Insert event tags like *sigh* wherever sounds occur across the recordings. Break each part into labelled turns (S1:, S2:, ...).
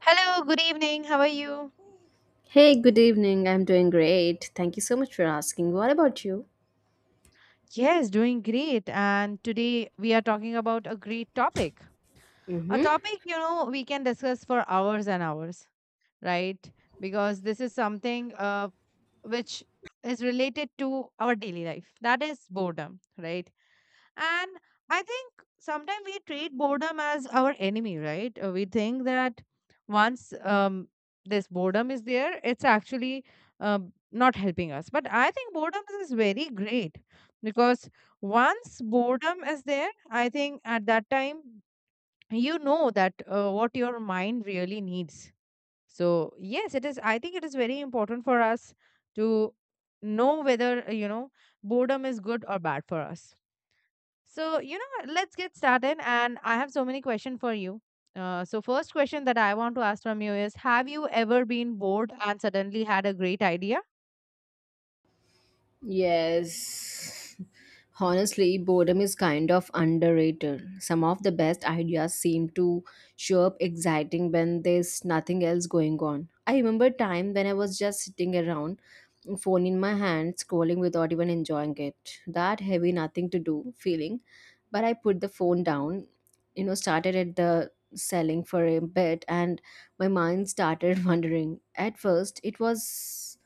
S1: Hello, good evening. How are you?
S2: Hey, good evening. I'm doing great. Thank you so much for asking. What about you?
S1: Yes, doing great. And today we are talking about a great topic. A
S2: Mm-hmm.
S1: topic, you know, we can discuss for hours and hours, right? Because this is something which is related to our daily life. That is boredom, right? And I think sometimes we treat boredom as our enemy, right? We think that once this boredom is there, it's actually not helping us. But I think boredom is very great because once boredom is there, I think at that time you know that what your mind really needs. So yes, it is, I think it is very important for us to know whether you know, boredom is good or bad for us. So you know, let's get started, and I have so many questions for you. So first question that I want to ask from you is, have you ever been bored and suddenly had a great idea?
S2: Yes. *laughs* Honestly, boredom is kind of underrated. Some of the best ideas seem to show up exciting when there's nothing else going on. I remember time when I was just sitting around, phone in my hand, scrolling without even enjoying it. That heavy nothing to do feeling, but I put the phone down, you know, started at the selling for a bit, and my mind started *laughs* wandering. At first it was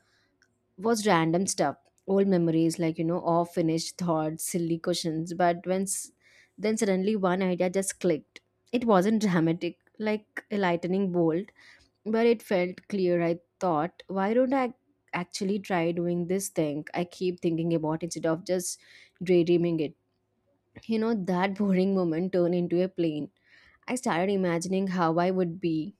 S2: was random stuff, old memories, like, you know, all finished thoughts, silly questions, but then suddenly one idea just clicked. It wasn't dramatic, like a lightning bolt, but it felt clear. I thought, why don't I actually try doing this thing I keep thinking about instead of just daydreaming it. You know, that boring moment turned into a plane. I started imagining how I would be,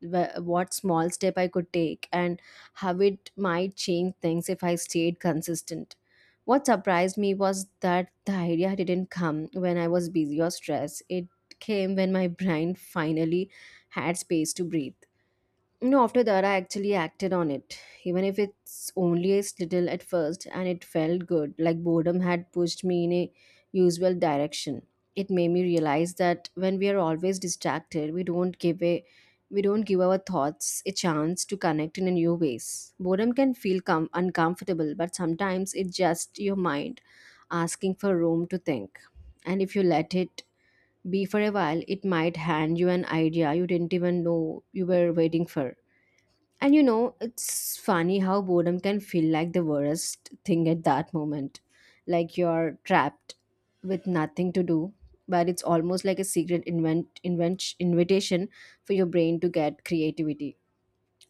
S2: what small step I could take, and how it might change things if I stayed consistent. What surprised me was that the idea didn't come when I was busy or stressed. It came when my brain finally had space to breathe. No, after that, I actually acted on it, even if it's only a little at first, and it felt good. Like boredom had pushed me in a usual direction. It made me realize that when we are always distracted, we don't give our thoughts a chance to connect in a new ways. Boredom can feel uncomfortable, but sometimes it's just your mind asking for room to think. And if you let it be for a while, it might hand you an idea you didn't even know you were waiting for. And, you know, it's funny how boredom can feel like the worst thing at that moment. Like you're trapped with nothing to do, but it's almost like a secret invitation for your brain to get creativity.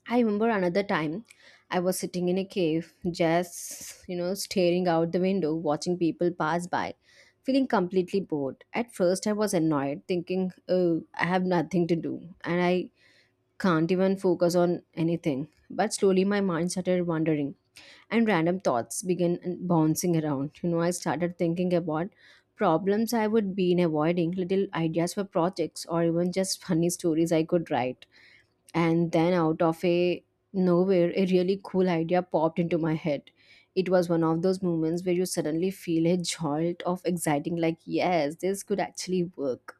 S2: I remember another time I was sitting in a cave, just, you know, staring out the window, watching people pass by, feeling completely bored. At first, I was annoyed, thinking, oh, I have nothing to do. And I can't even focus on anything. But slowly my mind started wandering and random thoughts began bouncing around. You know, I started thinking about problems I would be in avoiding, little ideas for projects, or even just *laughs* funny stories I could write. And then out of a nowhere, a really cool idea popped into my head. It was one of those moments where you suddenly feel a jolt of exciting, like, yes, this could actually work.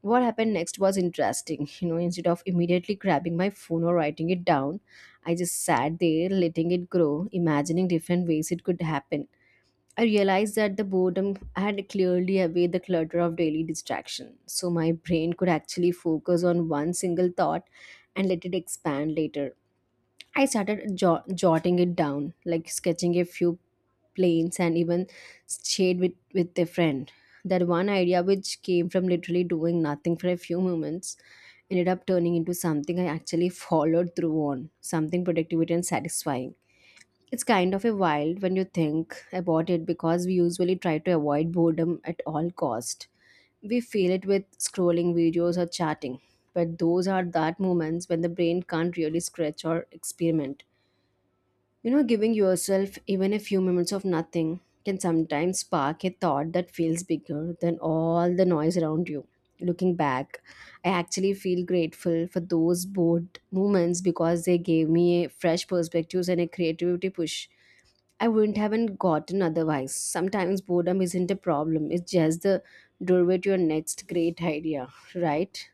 S2: What happened next was interesting. *laughs* You know, instead of immediately grabbing my phone or writing it down, I just sat there letting it grow, imagining different ways it could happen. I realized that the boredom had clearly away the clutter of daily distraction, so my brain could actually focus on one single thought and let it expand later. I started jotting it down, like sketching a few planes, and even shade with a friend. That one idea, which came from literally doing nothing for a few moments, ended up turning into something I actually followed through on, something productive and satisfying. It's kind of a wild when you think about it, because we usually try to avoid boredom at all cost. We feel it with scrolling videos or chatting, but those are that moments when the brain can't really stretch or experiment. You know, giving yourself even a few moments of nothing can sometimes spark a thought that feels bigger than all the noise around you. Looking back, I actually feel grateful for those bored moments because they gave me a fresh perspectives and a creativity push. I wouldn't have gotten otherwise. Sometimes boredom isn't a problem, it's just the doorway to your next great idea, right?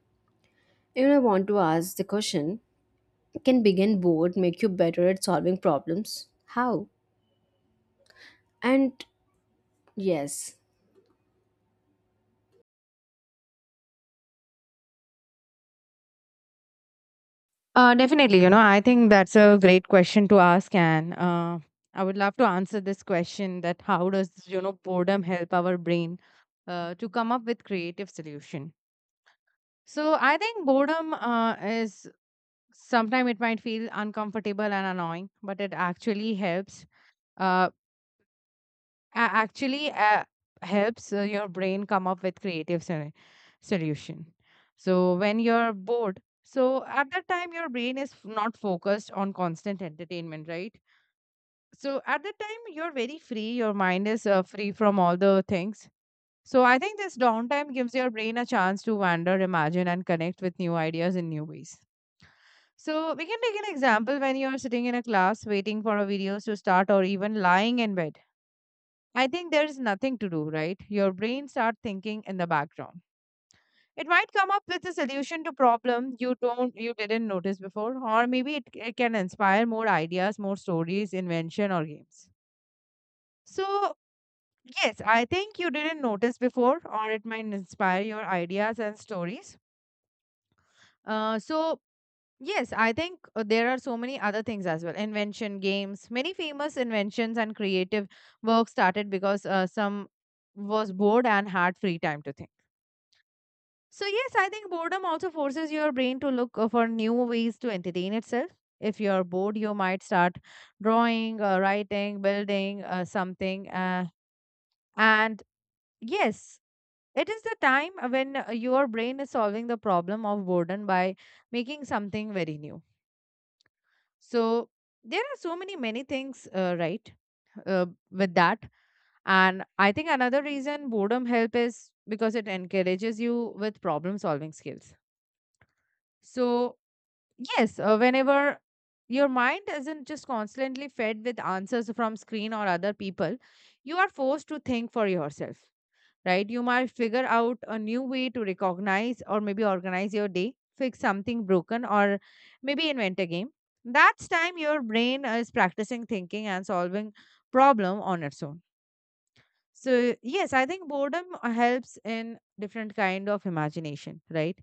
S2: You know, I want to ask the question, can being bored make you better at solving problems? How? And yes,
S1: Definitely, you know, I think that's a great question to ask, and I would love to answer this question: that how does, you know, boredom help our brain to come up with creative solution? So I think boredom is, sometimes it might feel uncomfortable and annoying, but it actually helps. Uh, a- actually helps your brain come up with creative solution. So when you're bored, so at that time your brain is not focused on constant entertainment, right? So at that time, you're very free, your mind is free from all the things. So I think this downtime gives your brain a chance to wander, imagine, and connect with new ideas in new ways. So we can take an example, when you're sitting in a class waiting for a videos to start, or even lying in bed, I think there is nothing to do, right? Your brain start thinking in the background. It might come up with a solution to problem you don't you didn't notice before, or maybe it can inspire more ideas, more stories, invention or games. So yes, I think you didn't notice before, or it might inspire your ideas and stories. So yes, I think there are so many other things as well. Invention, games, many famous inventions and creative work started because some was bored and had free time to think. So yes, I think boredom also forces your brain to look for new ways to entertain itself. If you're bored, you might start drawing, writing, building something. And yes, it is the time when your brain is solving the problem of boredom by making something very new. So there are so many, many things, right, with that. And I think another reason boredom help is because it encourages you with problem solving skills. So yes, whenever your mind isn't just constantly fed with answers from screen or other people, you are forced to think for yourself, right? You might figure out a new way to recognize, or maybe organize your day, fix something broken, or maybe invent a game. That's time your brain is practicing thinking and solving problem on its own. So yes, I think boredom helps in different kind of imagination, right?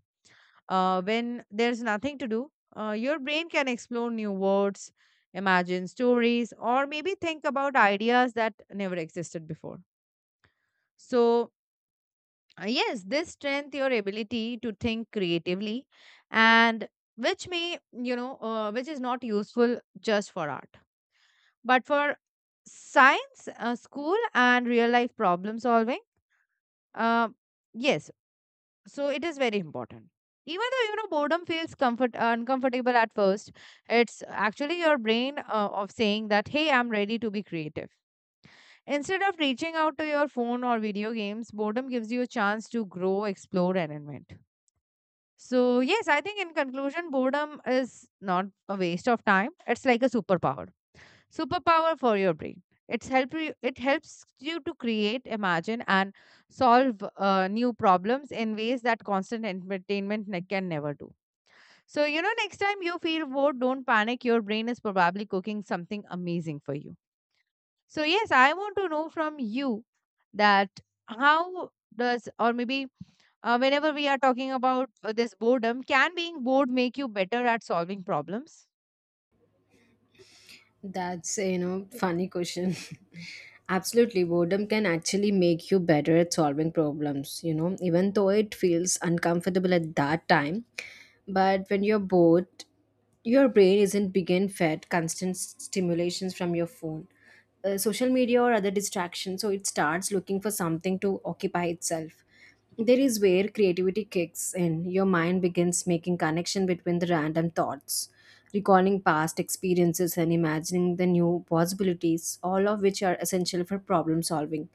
S1: When there's nothing to do, your brain can explore new words, imagine stories, or maybe think about ideas that never existed before. So yes, this strength your ability to think creatively, and which may, you know, which is not useful just for art, but for science, school, and real life problem solving. Uh, yes, So it is very important. Even though you know boredom feels comfort uncomfortable at first, it's actually your brain of saying that hey, I'm ready to be creative. Instead of reaching out to your phone or video games, boredom gives you a chance to grow, explore, and invent. So yes, I think in conclusion, boredom is not a waste of time. It's like a superpower for your brain. It helps you to create, imagine, and solve new problems in ways that constant entertainment can never do. So you know, next time you feel bored, don't panic, your brain is probably cooking something amazing for you. So yes, I want to know from you that how does, or maybe whenever we are talking about this boredom, can being bored make you better at solving problems?
S2: that's, you know, funny question. *laughs* Absolutely, boredom can actually make you better at solving problems, you know, even though it feels uncomfortable at that time. But when you're bored, your brain isn't begin fed constant stimulations from your phone, social media or other distractions, so it starts looking for something to occupy itself. There is where creativity kicks in. Your mind begins making connection between the random thoughts, recalling past experiences and imagining the new possibilities, all of which are essential for problem solving.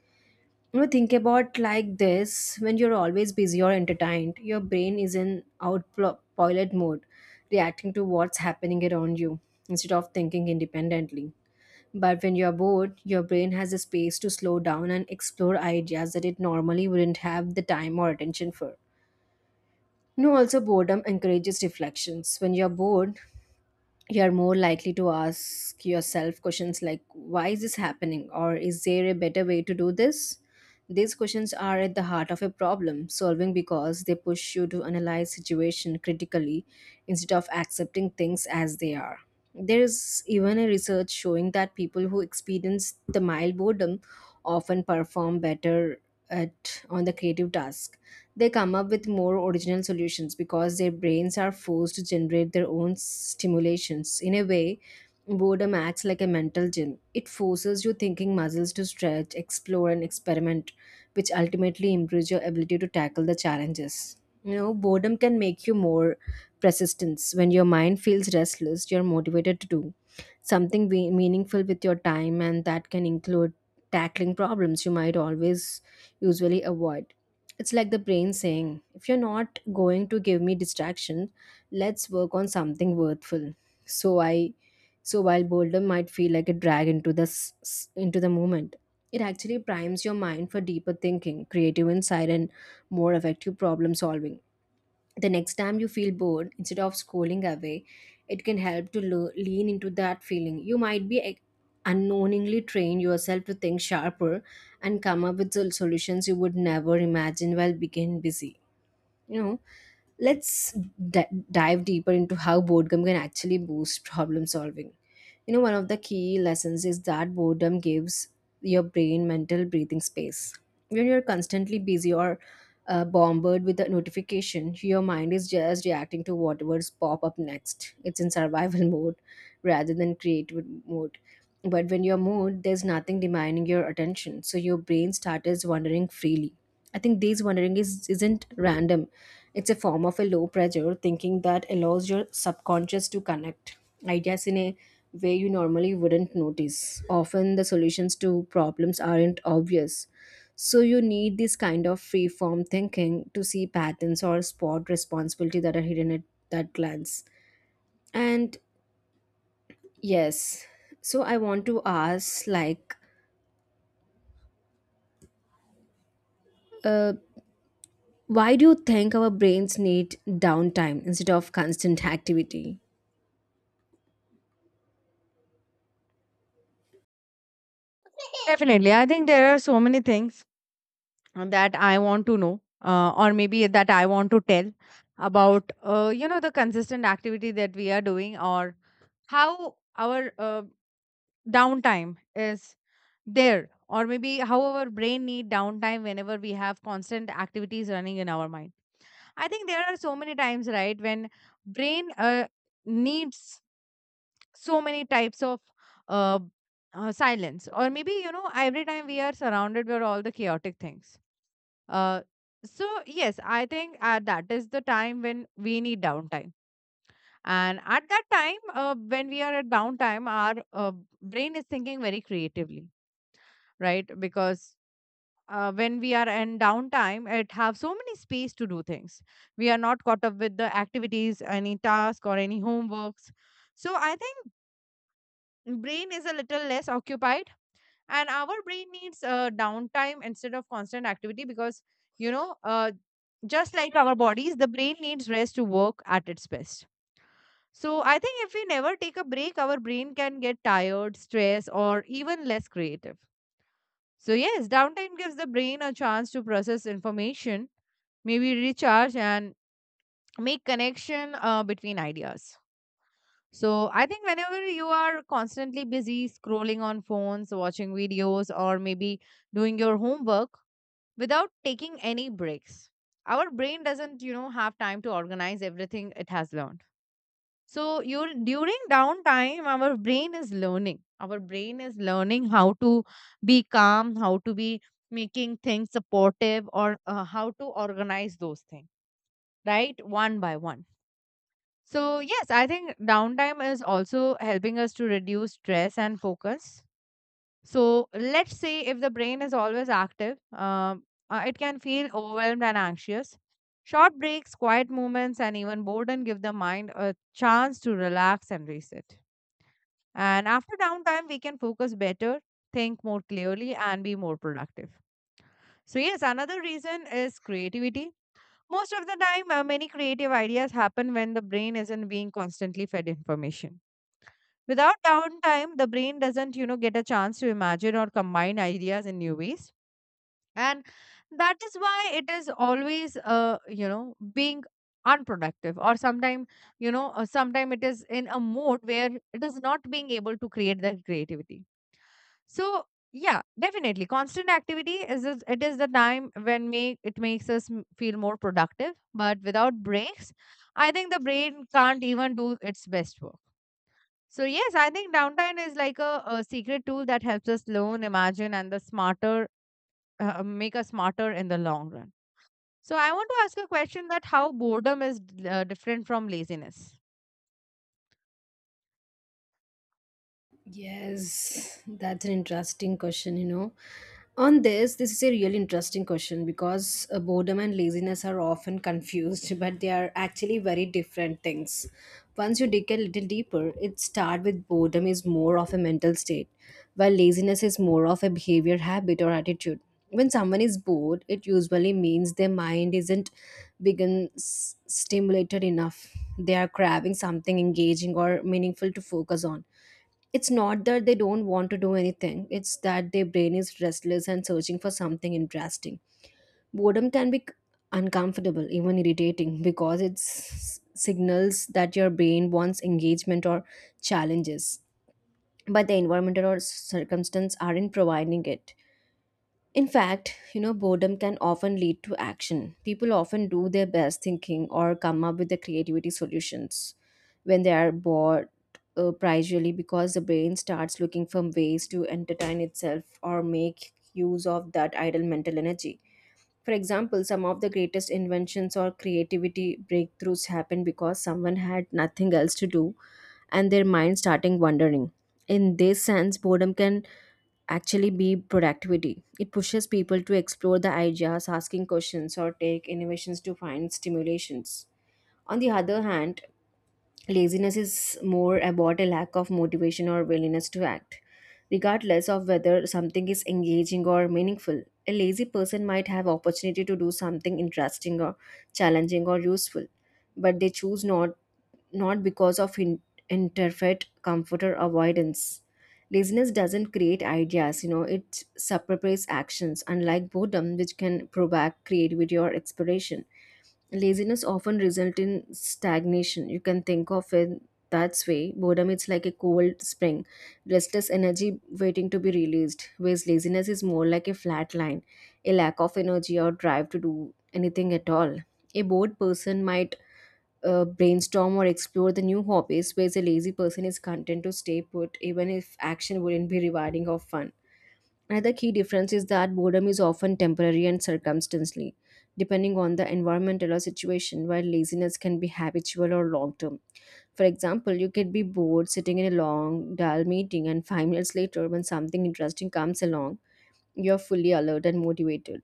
S2: You know, think about like this, when you're always busy or entertained, your brain is in autopilot mode, reacting to what's happening around you instead of thinking independently. But when you're bored, your brain has a space to slow down and explore ideas that it normally wouldn't have the time or attention for. No, also boredom encourages reflections. When you're bored, you're more likely to ask yourself questions like, why is this happening, or is there a better way to do this? These questions are at the heart of a problem solving because they push you to analyze situation critically instead of accepting things as they are. There is even a research showing that people who experience the mild boredom often perform better at on the creative task. They come up with more original solutions because their brains are forced to generate their own stimulations. In a way, boredom acts like a mental gym. It forces your thinking muscles to stretch, explore, and experiment, which ultimately improves your ability to tackle the challenges. You know, boredom can make you more persistence. When your mind feels restless, you're motivated to do something meaningful with your time, and that can include tackling problems you might always usually avoid. It's like the brain saying, if you're not going to give me distraction, let's work on something worthwhile. So I so while boredom might feel like a drag into the moment, it actually primes your mind for deeper thinking, creative insight and more effective problem solving. The next time you feel bored, instead of scrolling away, it can help to lean into that feeling. You might be unknowingly train yourself to think sharper and come up with solutions you would never imagine while being busy. You know, let's dive deeper into how boredom can actually boost problem solving. You know, one of the key lessons is that boredom gives your brain mental breathing space. When you're constantly busy or bombarded with a notification, your mind is just reacting to whatever's pop up next. It's in survival *laughs* mode rather than creative mode. But when you're mood, there's nothing demanding your attention, so your brain starts wandering freely. I think these wandering is isn't random. It's a form of a low pressure thinking that allows your subconscious to connect ideas in a way you normally wouldn't notice. Often the solutions to problems aren't obvious. So you need this kind of free form thinking to see patterns or spot responsibility that are hidden at that glance. And yes, so I want to ask, like, uh, why do you think our brains need downtime instead of constant activity?
S1: *laughs* Definitely. I think there are so many things that I want to know, or maybe that I want to tell about, you know, the consistent activity that we are doing, or how our downtime is there, or maybe how our brain need downtime whenever we have constant activities running in our mind. I think there are so many times, right, when brain needs so many types of uh, silence, or maybe you know, every time we are surrounded with all the chaotic things. uh, so yes, I think that is the time when we need downtime. And at that time, when we are at downtime, our brain is thinking very creatively, right? Because when we are in downtime, it have so many space to do things. We are not caught up with the activities, any task or any homeworks. So I think brain is a little less occupied, and our brain needs downtime instead of constant activity because you know just like our bodies, the brain needs rest to work at its best. So I think if we never take a break, our brain can get tired, stressed, or even less creative. So yes, downtime gives the brain a chance to process information, maybe recharge, and make connection between ideas. So I think whenever you are constantly busy scrolling on phones, watching videos, or maybe doing your homework without taking any breaks, our brain doesn't, you know, have time to organize everything it has learned. So you, during downtime, our brain is learning. Our brain is learning how to be calm, how to be making things supportive, or how to organize those things, right? One by one. So yes, I think downtime is also helping us to reduce stress and focus. So let's say if the brain is always active, it can feel overwhelmed and anxious. Short breaks, quiet movements, and even boredom give the mind a chance to relax and reset. And after downtime, we can focus better, think more clearly, and be more productive. So yes, another reason is creativity. Most of the time, many creative ideas happen when the brain isn't being constantly fed information. Without downtime, the brain doesn't, you know, get a chance to imagine or combine ideas in new ways. And that is why it is always you know being unproductive, or sometime, you know sometime it is in a mode where it is not being able to create that creativity. So yeah, definitely constant activity it is the time when make it makes us feel more productive, but without breaks, I think the brain can't even do its best work. So yes, I think downtime is like a secret tool that helps us learn, imagine, and the smarter, make us smarter in the long run. So I want to ask a question, that how boredom is different from laziness.
S2: Yes, that's an interesting question, you know. This is a really interesting question because boredom and laziness are often confused, *laughs* but they are actually very different things. Once you dig a little deeper, it starts with boredom is more of a mental state, while laziness is more of a behavior, habit, or attitude. When someone is bored, it usually means their mind isn't begin stimulated enough. They are craving something engaging or meaningful to focus on. It's not that they don't want to do anything, it's that their brain is restless and searching for something interesting. Boredom can be uncomfortable, even irritating, because it signals that your brain wants engagement or challenges, but the environment or circumstance aren't providing it. In fact, you know, boredom can often lead to action. People often do their best thinking or come up with the creativity solutions when they are bored, primarily because the brain starts looking for ways to entertain itself or make use of that idle mental energy. For example, some of the greatest inventions or creativity breakthroughs happen because someone had nothing else to do and their mind starting wandering. In this sense, boredom can actually be productivity. It pushes people to explore the ideas, asking questions, or take innovations to find stimulations. On the other hand, laziness is more about a lack of motivation or willingness to act. Regardless of whether something is engaging or meaningful, a lazy person might have opportunity to do something interesting or challenging or useful, but they choose not because of interfeit comforter avoidance. Laziness doesn't create ideas, you know, it suppresses actions, unlike boredom, which can provoke creativity or exploration. Laziness often results in stagnation. You can think of it that way. Boredom is like a cold spring, restless energy waiting to be released, whereas laziness is more like a flat line, a lack of energy or drive to do anything at all. A bored person might brainstorm or explore the new hobbies, whereas a lazy person is content to stay put even if action wouldn't be rewarding or fun. Another key difference is that boredom is often temporary and circumstantially, depending on the environmental or situation, while laziness can be habitual or long term. For example, you could be bored sitting in a long, dull meeting, and 5 minutes later, when something interesting comes along, you're fully alert and motivated.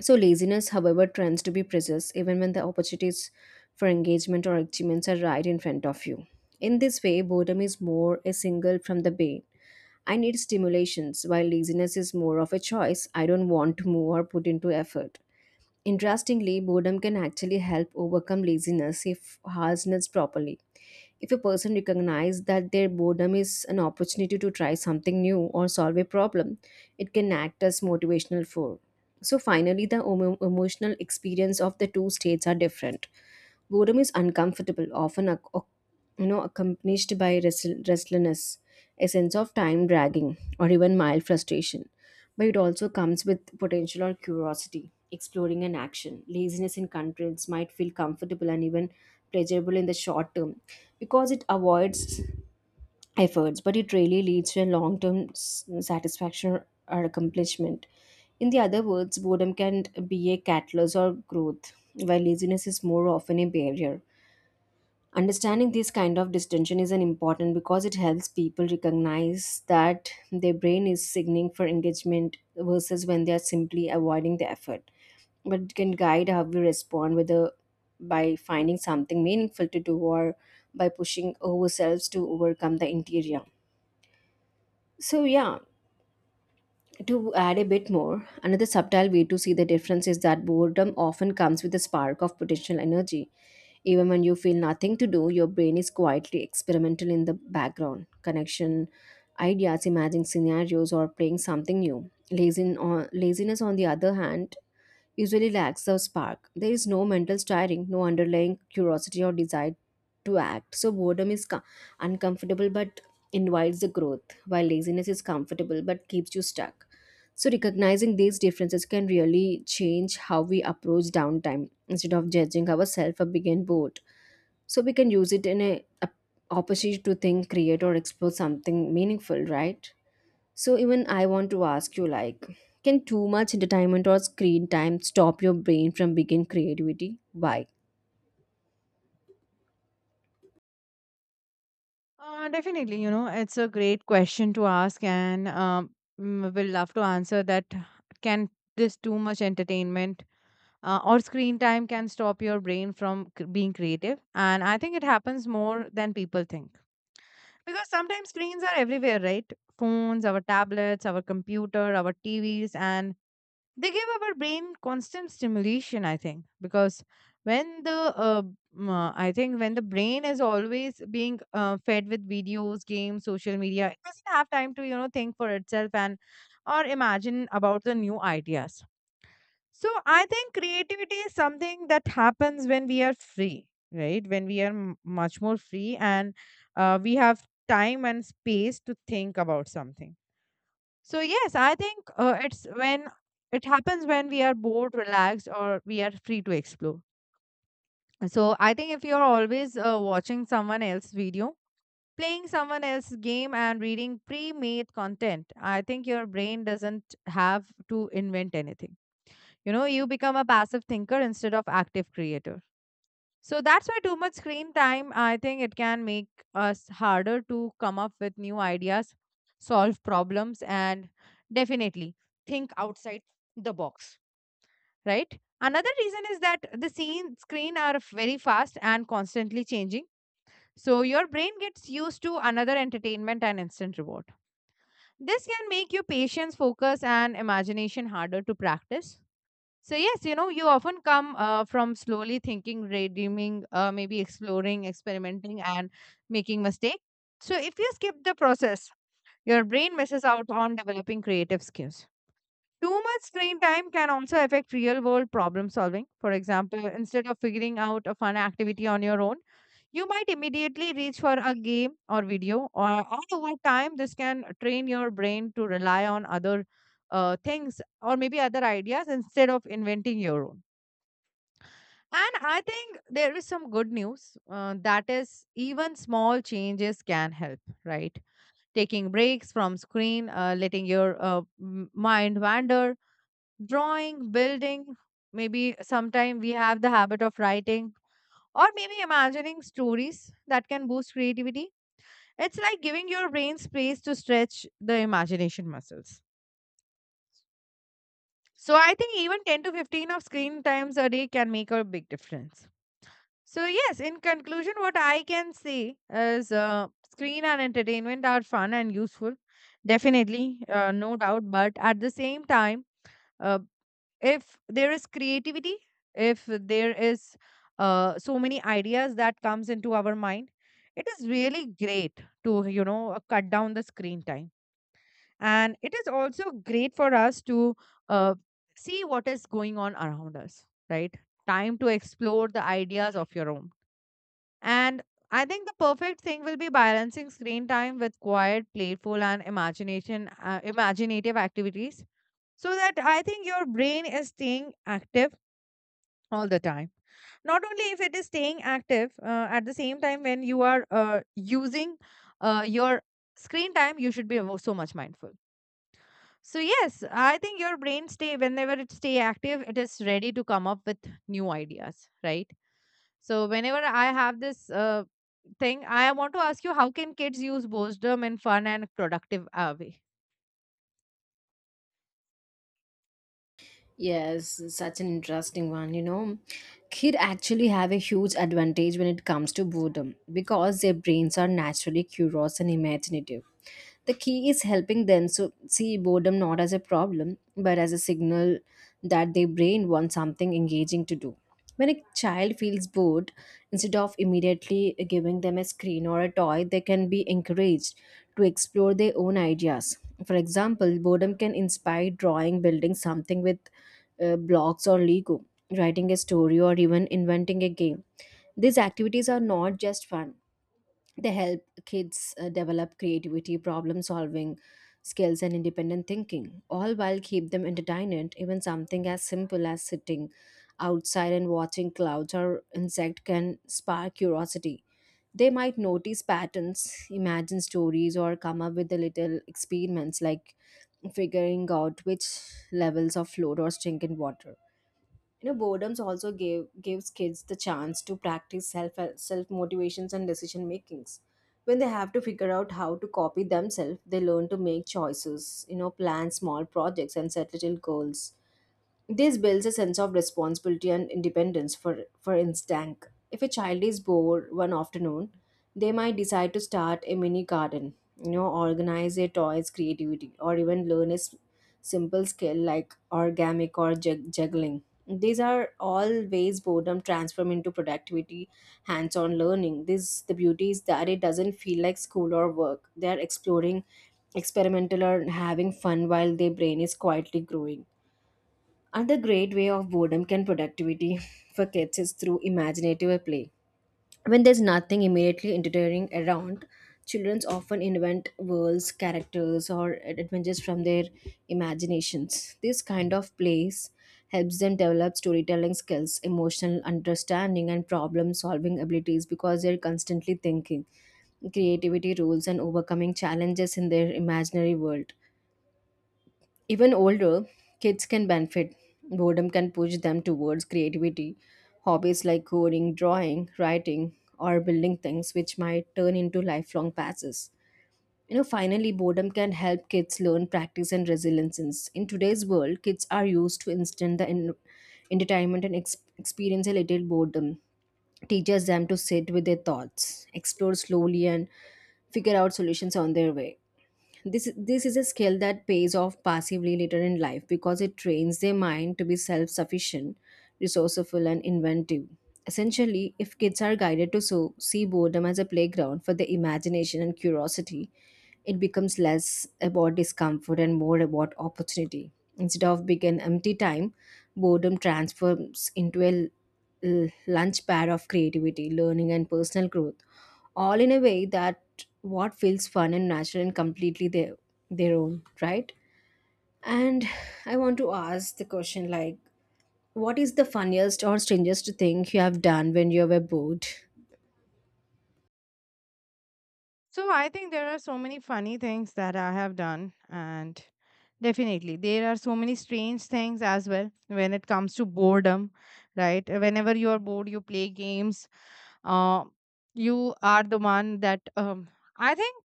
S2: So, laziness, however, tends to be persist even when the opportunities for engagement or achievements are right in front of you. In this way, boredom is more a single from the bane. I need stimulations, while laziness is more of a choice I don't want to move or put into effort. Interestingly, boredom can actually help overcome laziness if harnessed properly. If a person recognizes that their boredom is an opportunity to try something new or solve a problem, it can act as motivational for. So finally, the emotional experience of the two states are different. Boredom is uncomfortable, often accompanied by restlessness, a sense of time dragging, or even mild frustration. But it also comes with potential or curiosity, exploring an action. Laziness in constraints might feel comfortable and even pleasurable in the short term because it avoids efforts, but it really leads to a long term satisfaction or accomplishment. In the other words, boredom can be a catalyst or growth, while laziness is more often a barrier. Understanding this kind of distinction is an important because it helps people recognize that their brain is signaling for engagement versus when they are simply avoiding the effort. But it can guide how we respond, whether by finding something meaningful to do or by pushing ourselves to overcome the interior. So yeah, to add a bit more, another subtle way to see the difference is that boredom often comes with a spark of potential energy even when you feel nothing to do. Your brain is quietly experimental in the background. Connection, ideas, imagining scenarios, or playing something new. Laziness, on the other hand, usually lacks the spark. There is no mental stirring, no underlying curiosity or desire to act. So boredom is uncomfortable but invites the growth, while laziness is comfortable but keeps you stuck. So recognizing these differences can really change how we approach downtime. Instead of judging ourselves for being bored, so we can use it in a opportunity to think, create, or explore something meaningful, right? So even I want to ask you, like, can too much entertainment or screen time stop your brain from begin creativity? Why?
S1: Definitely, you know, it's a great question to ask, and we'll love to answer that. Can this too much entertainment or screen time can stop your brain from being creative? And I think it happens more than people think, because sometimes screens are everywhere, right? Phones, our tablets, our computer, our TVs, and they give our brain constant stimulation, I think, because when I think when the brain is always being fed with videos, games, social media, it doesn't have time to, you know, think for itself, and or imagine about the new ideas. So I think creativity is something that happens when we are free, right? When we are much more free, and we have time and space to think about something. So yes, I think it's when it happens when we are bored, relaxed, or we are free to explore. So I think if you're always watching someone else's video, playing someone else's game, and reading pre-made content, I think your brain doesn't have to invent anything. You know, you become a passive thinker instead of active creator. So that's why too much screen time, I think it can make us harder to come up with new ideas, solve problems, and definitely think outside the box, right? Another reason is that the scene screen are very fast and constantly changing. So your brain gets used to another entertainment and instant reward. This can make your patience, focus, and imagination harder to practice. So, yes, you often come from slowly thinking, redeeming, maybe exploring, experimenting, and making mistakes. So, if you skip the process, your brain misses out on developing creative skills. Too much screen time can also affect real world problem solving. For example, instead of figuring out a fun activity on your own, you might immediately reach for a game or video, or all over time, this can train your brain to rely on other things or maybe other ideas instead of inventing your own. And I think there is some good news that is, even small changes can help, right? Taking breaks from screen, letting your mind wander, drawing, building. Maybe sometime we have the habit of writing or maybe imagining stories that can boost creativity. It's like giving your brain space to stretch the imagination muscles. So I think even 10 to 15 of screen times a day can make a big difference. So, yes, in conclusion, what I can say is screen and entertainment are fun and useful, definitely, no doubt. But at the same time, uh, if there is creativity, if there is so many ideas that comes into our mind, it is really great to cut down the screen time, and it is also great for us to uh, see what is going on around us, right? Time to explore the ideas of your own, and I think the perfect thing will be balancing screen time with quiet, playful, and imaginative activities, so that I think your brain is staying active all the time. Not only if it is staying active, at the same time when you are using your screen time, you should be so much mindful. So yes, I think your brain stay whenever it stay active, it is ready to come up with new ideas, right? So whenever I have this thing, I want to ask you, how can kids use boredom in fun and productive way?
S2: Yes, such an interesting one. You know, kid actually have a huge advantage when it comes to boredom because their brains are naturally curious and imaginative. The key is helping them so see boredom not as a problem but as a signal that their brain wants something engaging to do. When a child feels bored, instead of immediately giving them a screen or a toy, they can be encouraged to explore their own ideas. For example, boredom can inspire drawing, building something with blocks or Lego, writing a story, or even inventing a game. These activities are not just fun, they help kids develop creativity, problem solving skills, and independent thinking, all while keep them entertained. Even something as simple as sitting outside and watching clouds or insect can spark curiosity. They might notice patterns, imagine stories, or come up with the little experiments like figuring out which levels of float or sink in water. You know, boredoms also gives kids the chance to practice self motivations and decision makings. When they have to figure out how to copy themselves, they learn to make choices, you know, plan small projects, and set little goals. This builds a sense of responsibility and independence. For instance, if a child is bored one afternoon, they might decide to start a mini garden, you know, organize their toys, creativity, or even learn a simple skill like origami or juggling. These are all ways boredom transform into productivity, hands-on learning. This the beauty is that it doesn't feel like school or work. They are exploring, experimental, or having fun while their brain is quietly growing. Another great way of boredom can productivity *laughs* for kids is through imaginative play. When there's nothing immediately entertaining around, children often invent worlds, characters, or adventures from their imaginations. This kind of plays helps them develop storytelling skills, emotional understanding, and problem solving abilities because they're constantly thinking, creativity, rules, and overcoming challenges in their imaginary world. Even older kids can benefit. Boredom can push them towards creativity, hobbies like coding, drawing, writing, or building things which might turn into lifelong passes. You know, finally, boredom can help kids learn practice and resilience. Since In today's world, kids are used to instant the entertainment and experience a little boredom. Teaches them to sit with their thoughts, explore slowly, and figure out solutions on their way. This is a skill that pays off passively later in life because it trains their mind to be self-sufficient, resourceful, and inventive. Essentially, if kids are guided to so, see boredom as a playground for their imagination and curiosity, it becomes less about discomfort and more about opportunity. Instead of being an empty time, boredom transforms into a lunch pad of creativity, learning, and personal growth, all in a way that what feels fun and natural and completely their own, right? And I want to ask the question, like, what is the funniest or strangest thing you have done when you were bored?
S1: So I think there are so many funny things that I have done, and definitely there are so many strange things as well when it comes to boredom, right? Whenever you are bored, you play games. Uh, you are the one that I think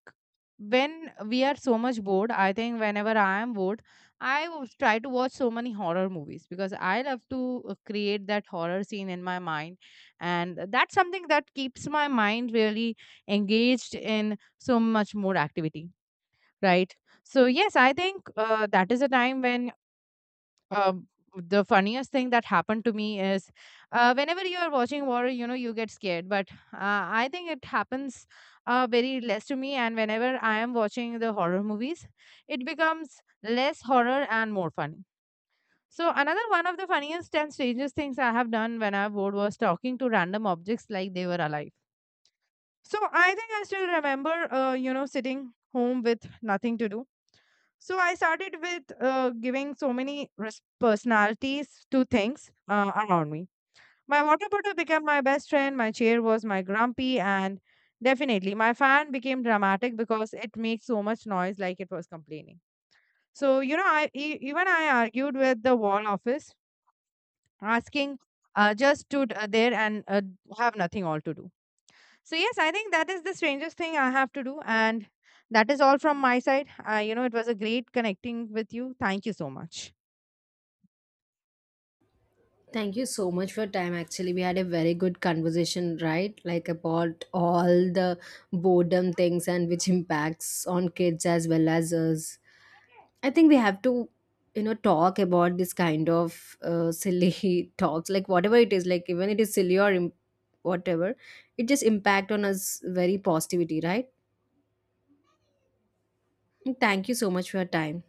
S1: when we are so much bored, I think whenever I am bored, I will try to watch so many horror movies because I love to create that horror scene in my mind, and that's something that keeps my mind really engaged in so much more activity, right? So yes, I think that is a time when um, the funniest thing that happened to me is, whenever you are watching war, you know, you get scared, but I think it happens very less to me, and whenever I am watching the horror movies, it becomes less horror and more funny. So another one of the funniest and strangest things I have done when I was bored was talking to random objects like they were alive. So I think I still remember, you know, sitting home with nothing to do. So I started with giving so many personalities to things around me. My water bottle became my best friend, my chair was my grumpy, and definitely my fan became dramatic because it makes so much noise like it was complaining. So, you know, even I argued with the wall office, asking just stood there and have nothing all to do. So yes, I think that is the strangest thing I have to do, and that is all from my side. You know, it was a great connecting with you. Thank you so much.
S2: Thank you so much for your time. Actually, we had a very good conversation, right? Like about all the boredom things and which impacts on kids as well as us. I think we have to, you know, talk about this kind of silly *laughs* talks, like whatever it is, like even it is silly or whatever, it just impact on us very positivity, right? Thank you so much for your time.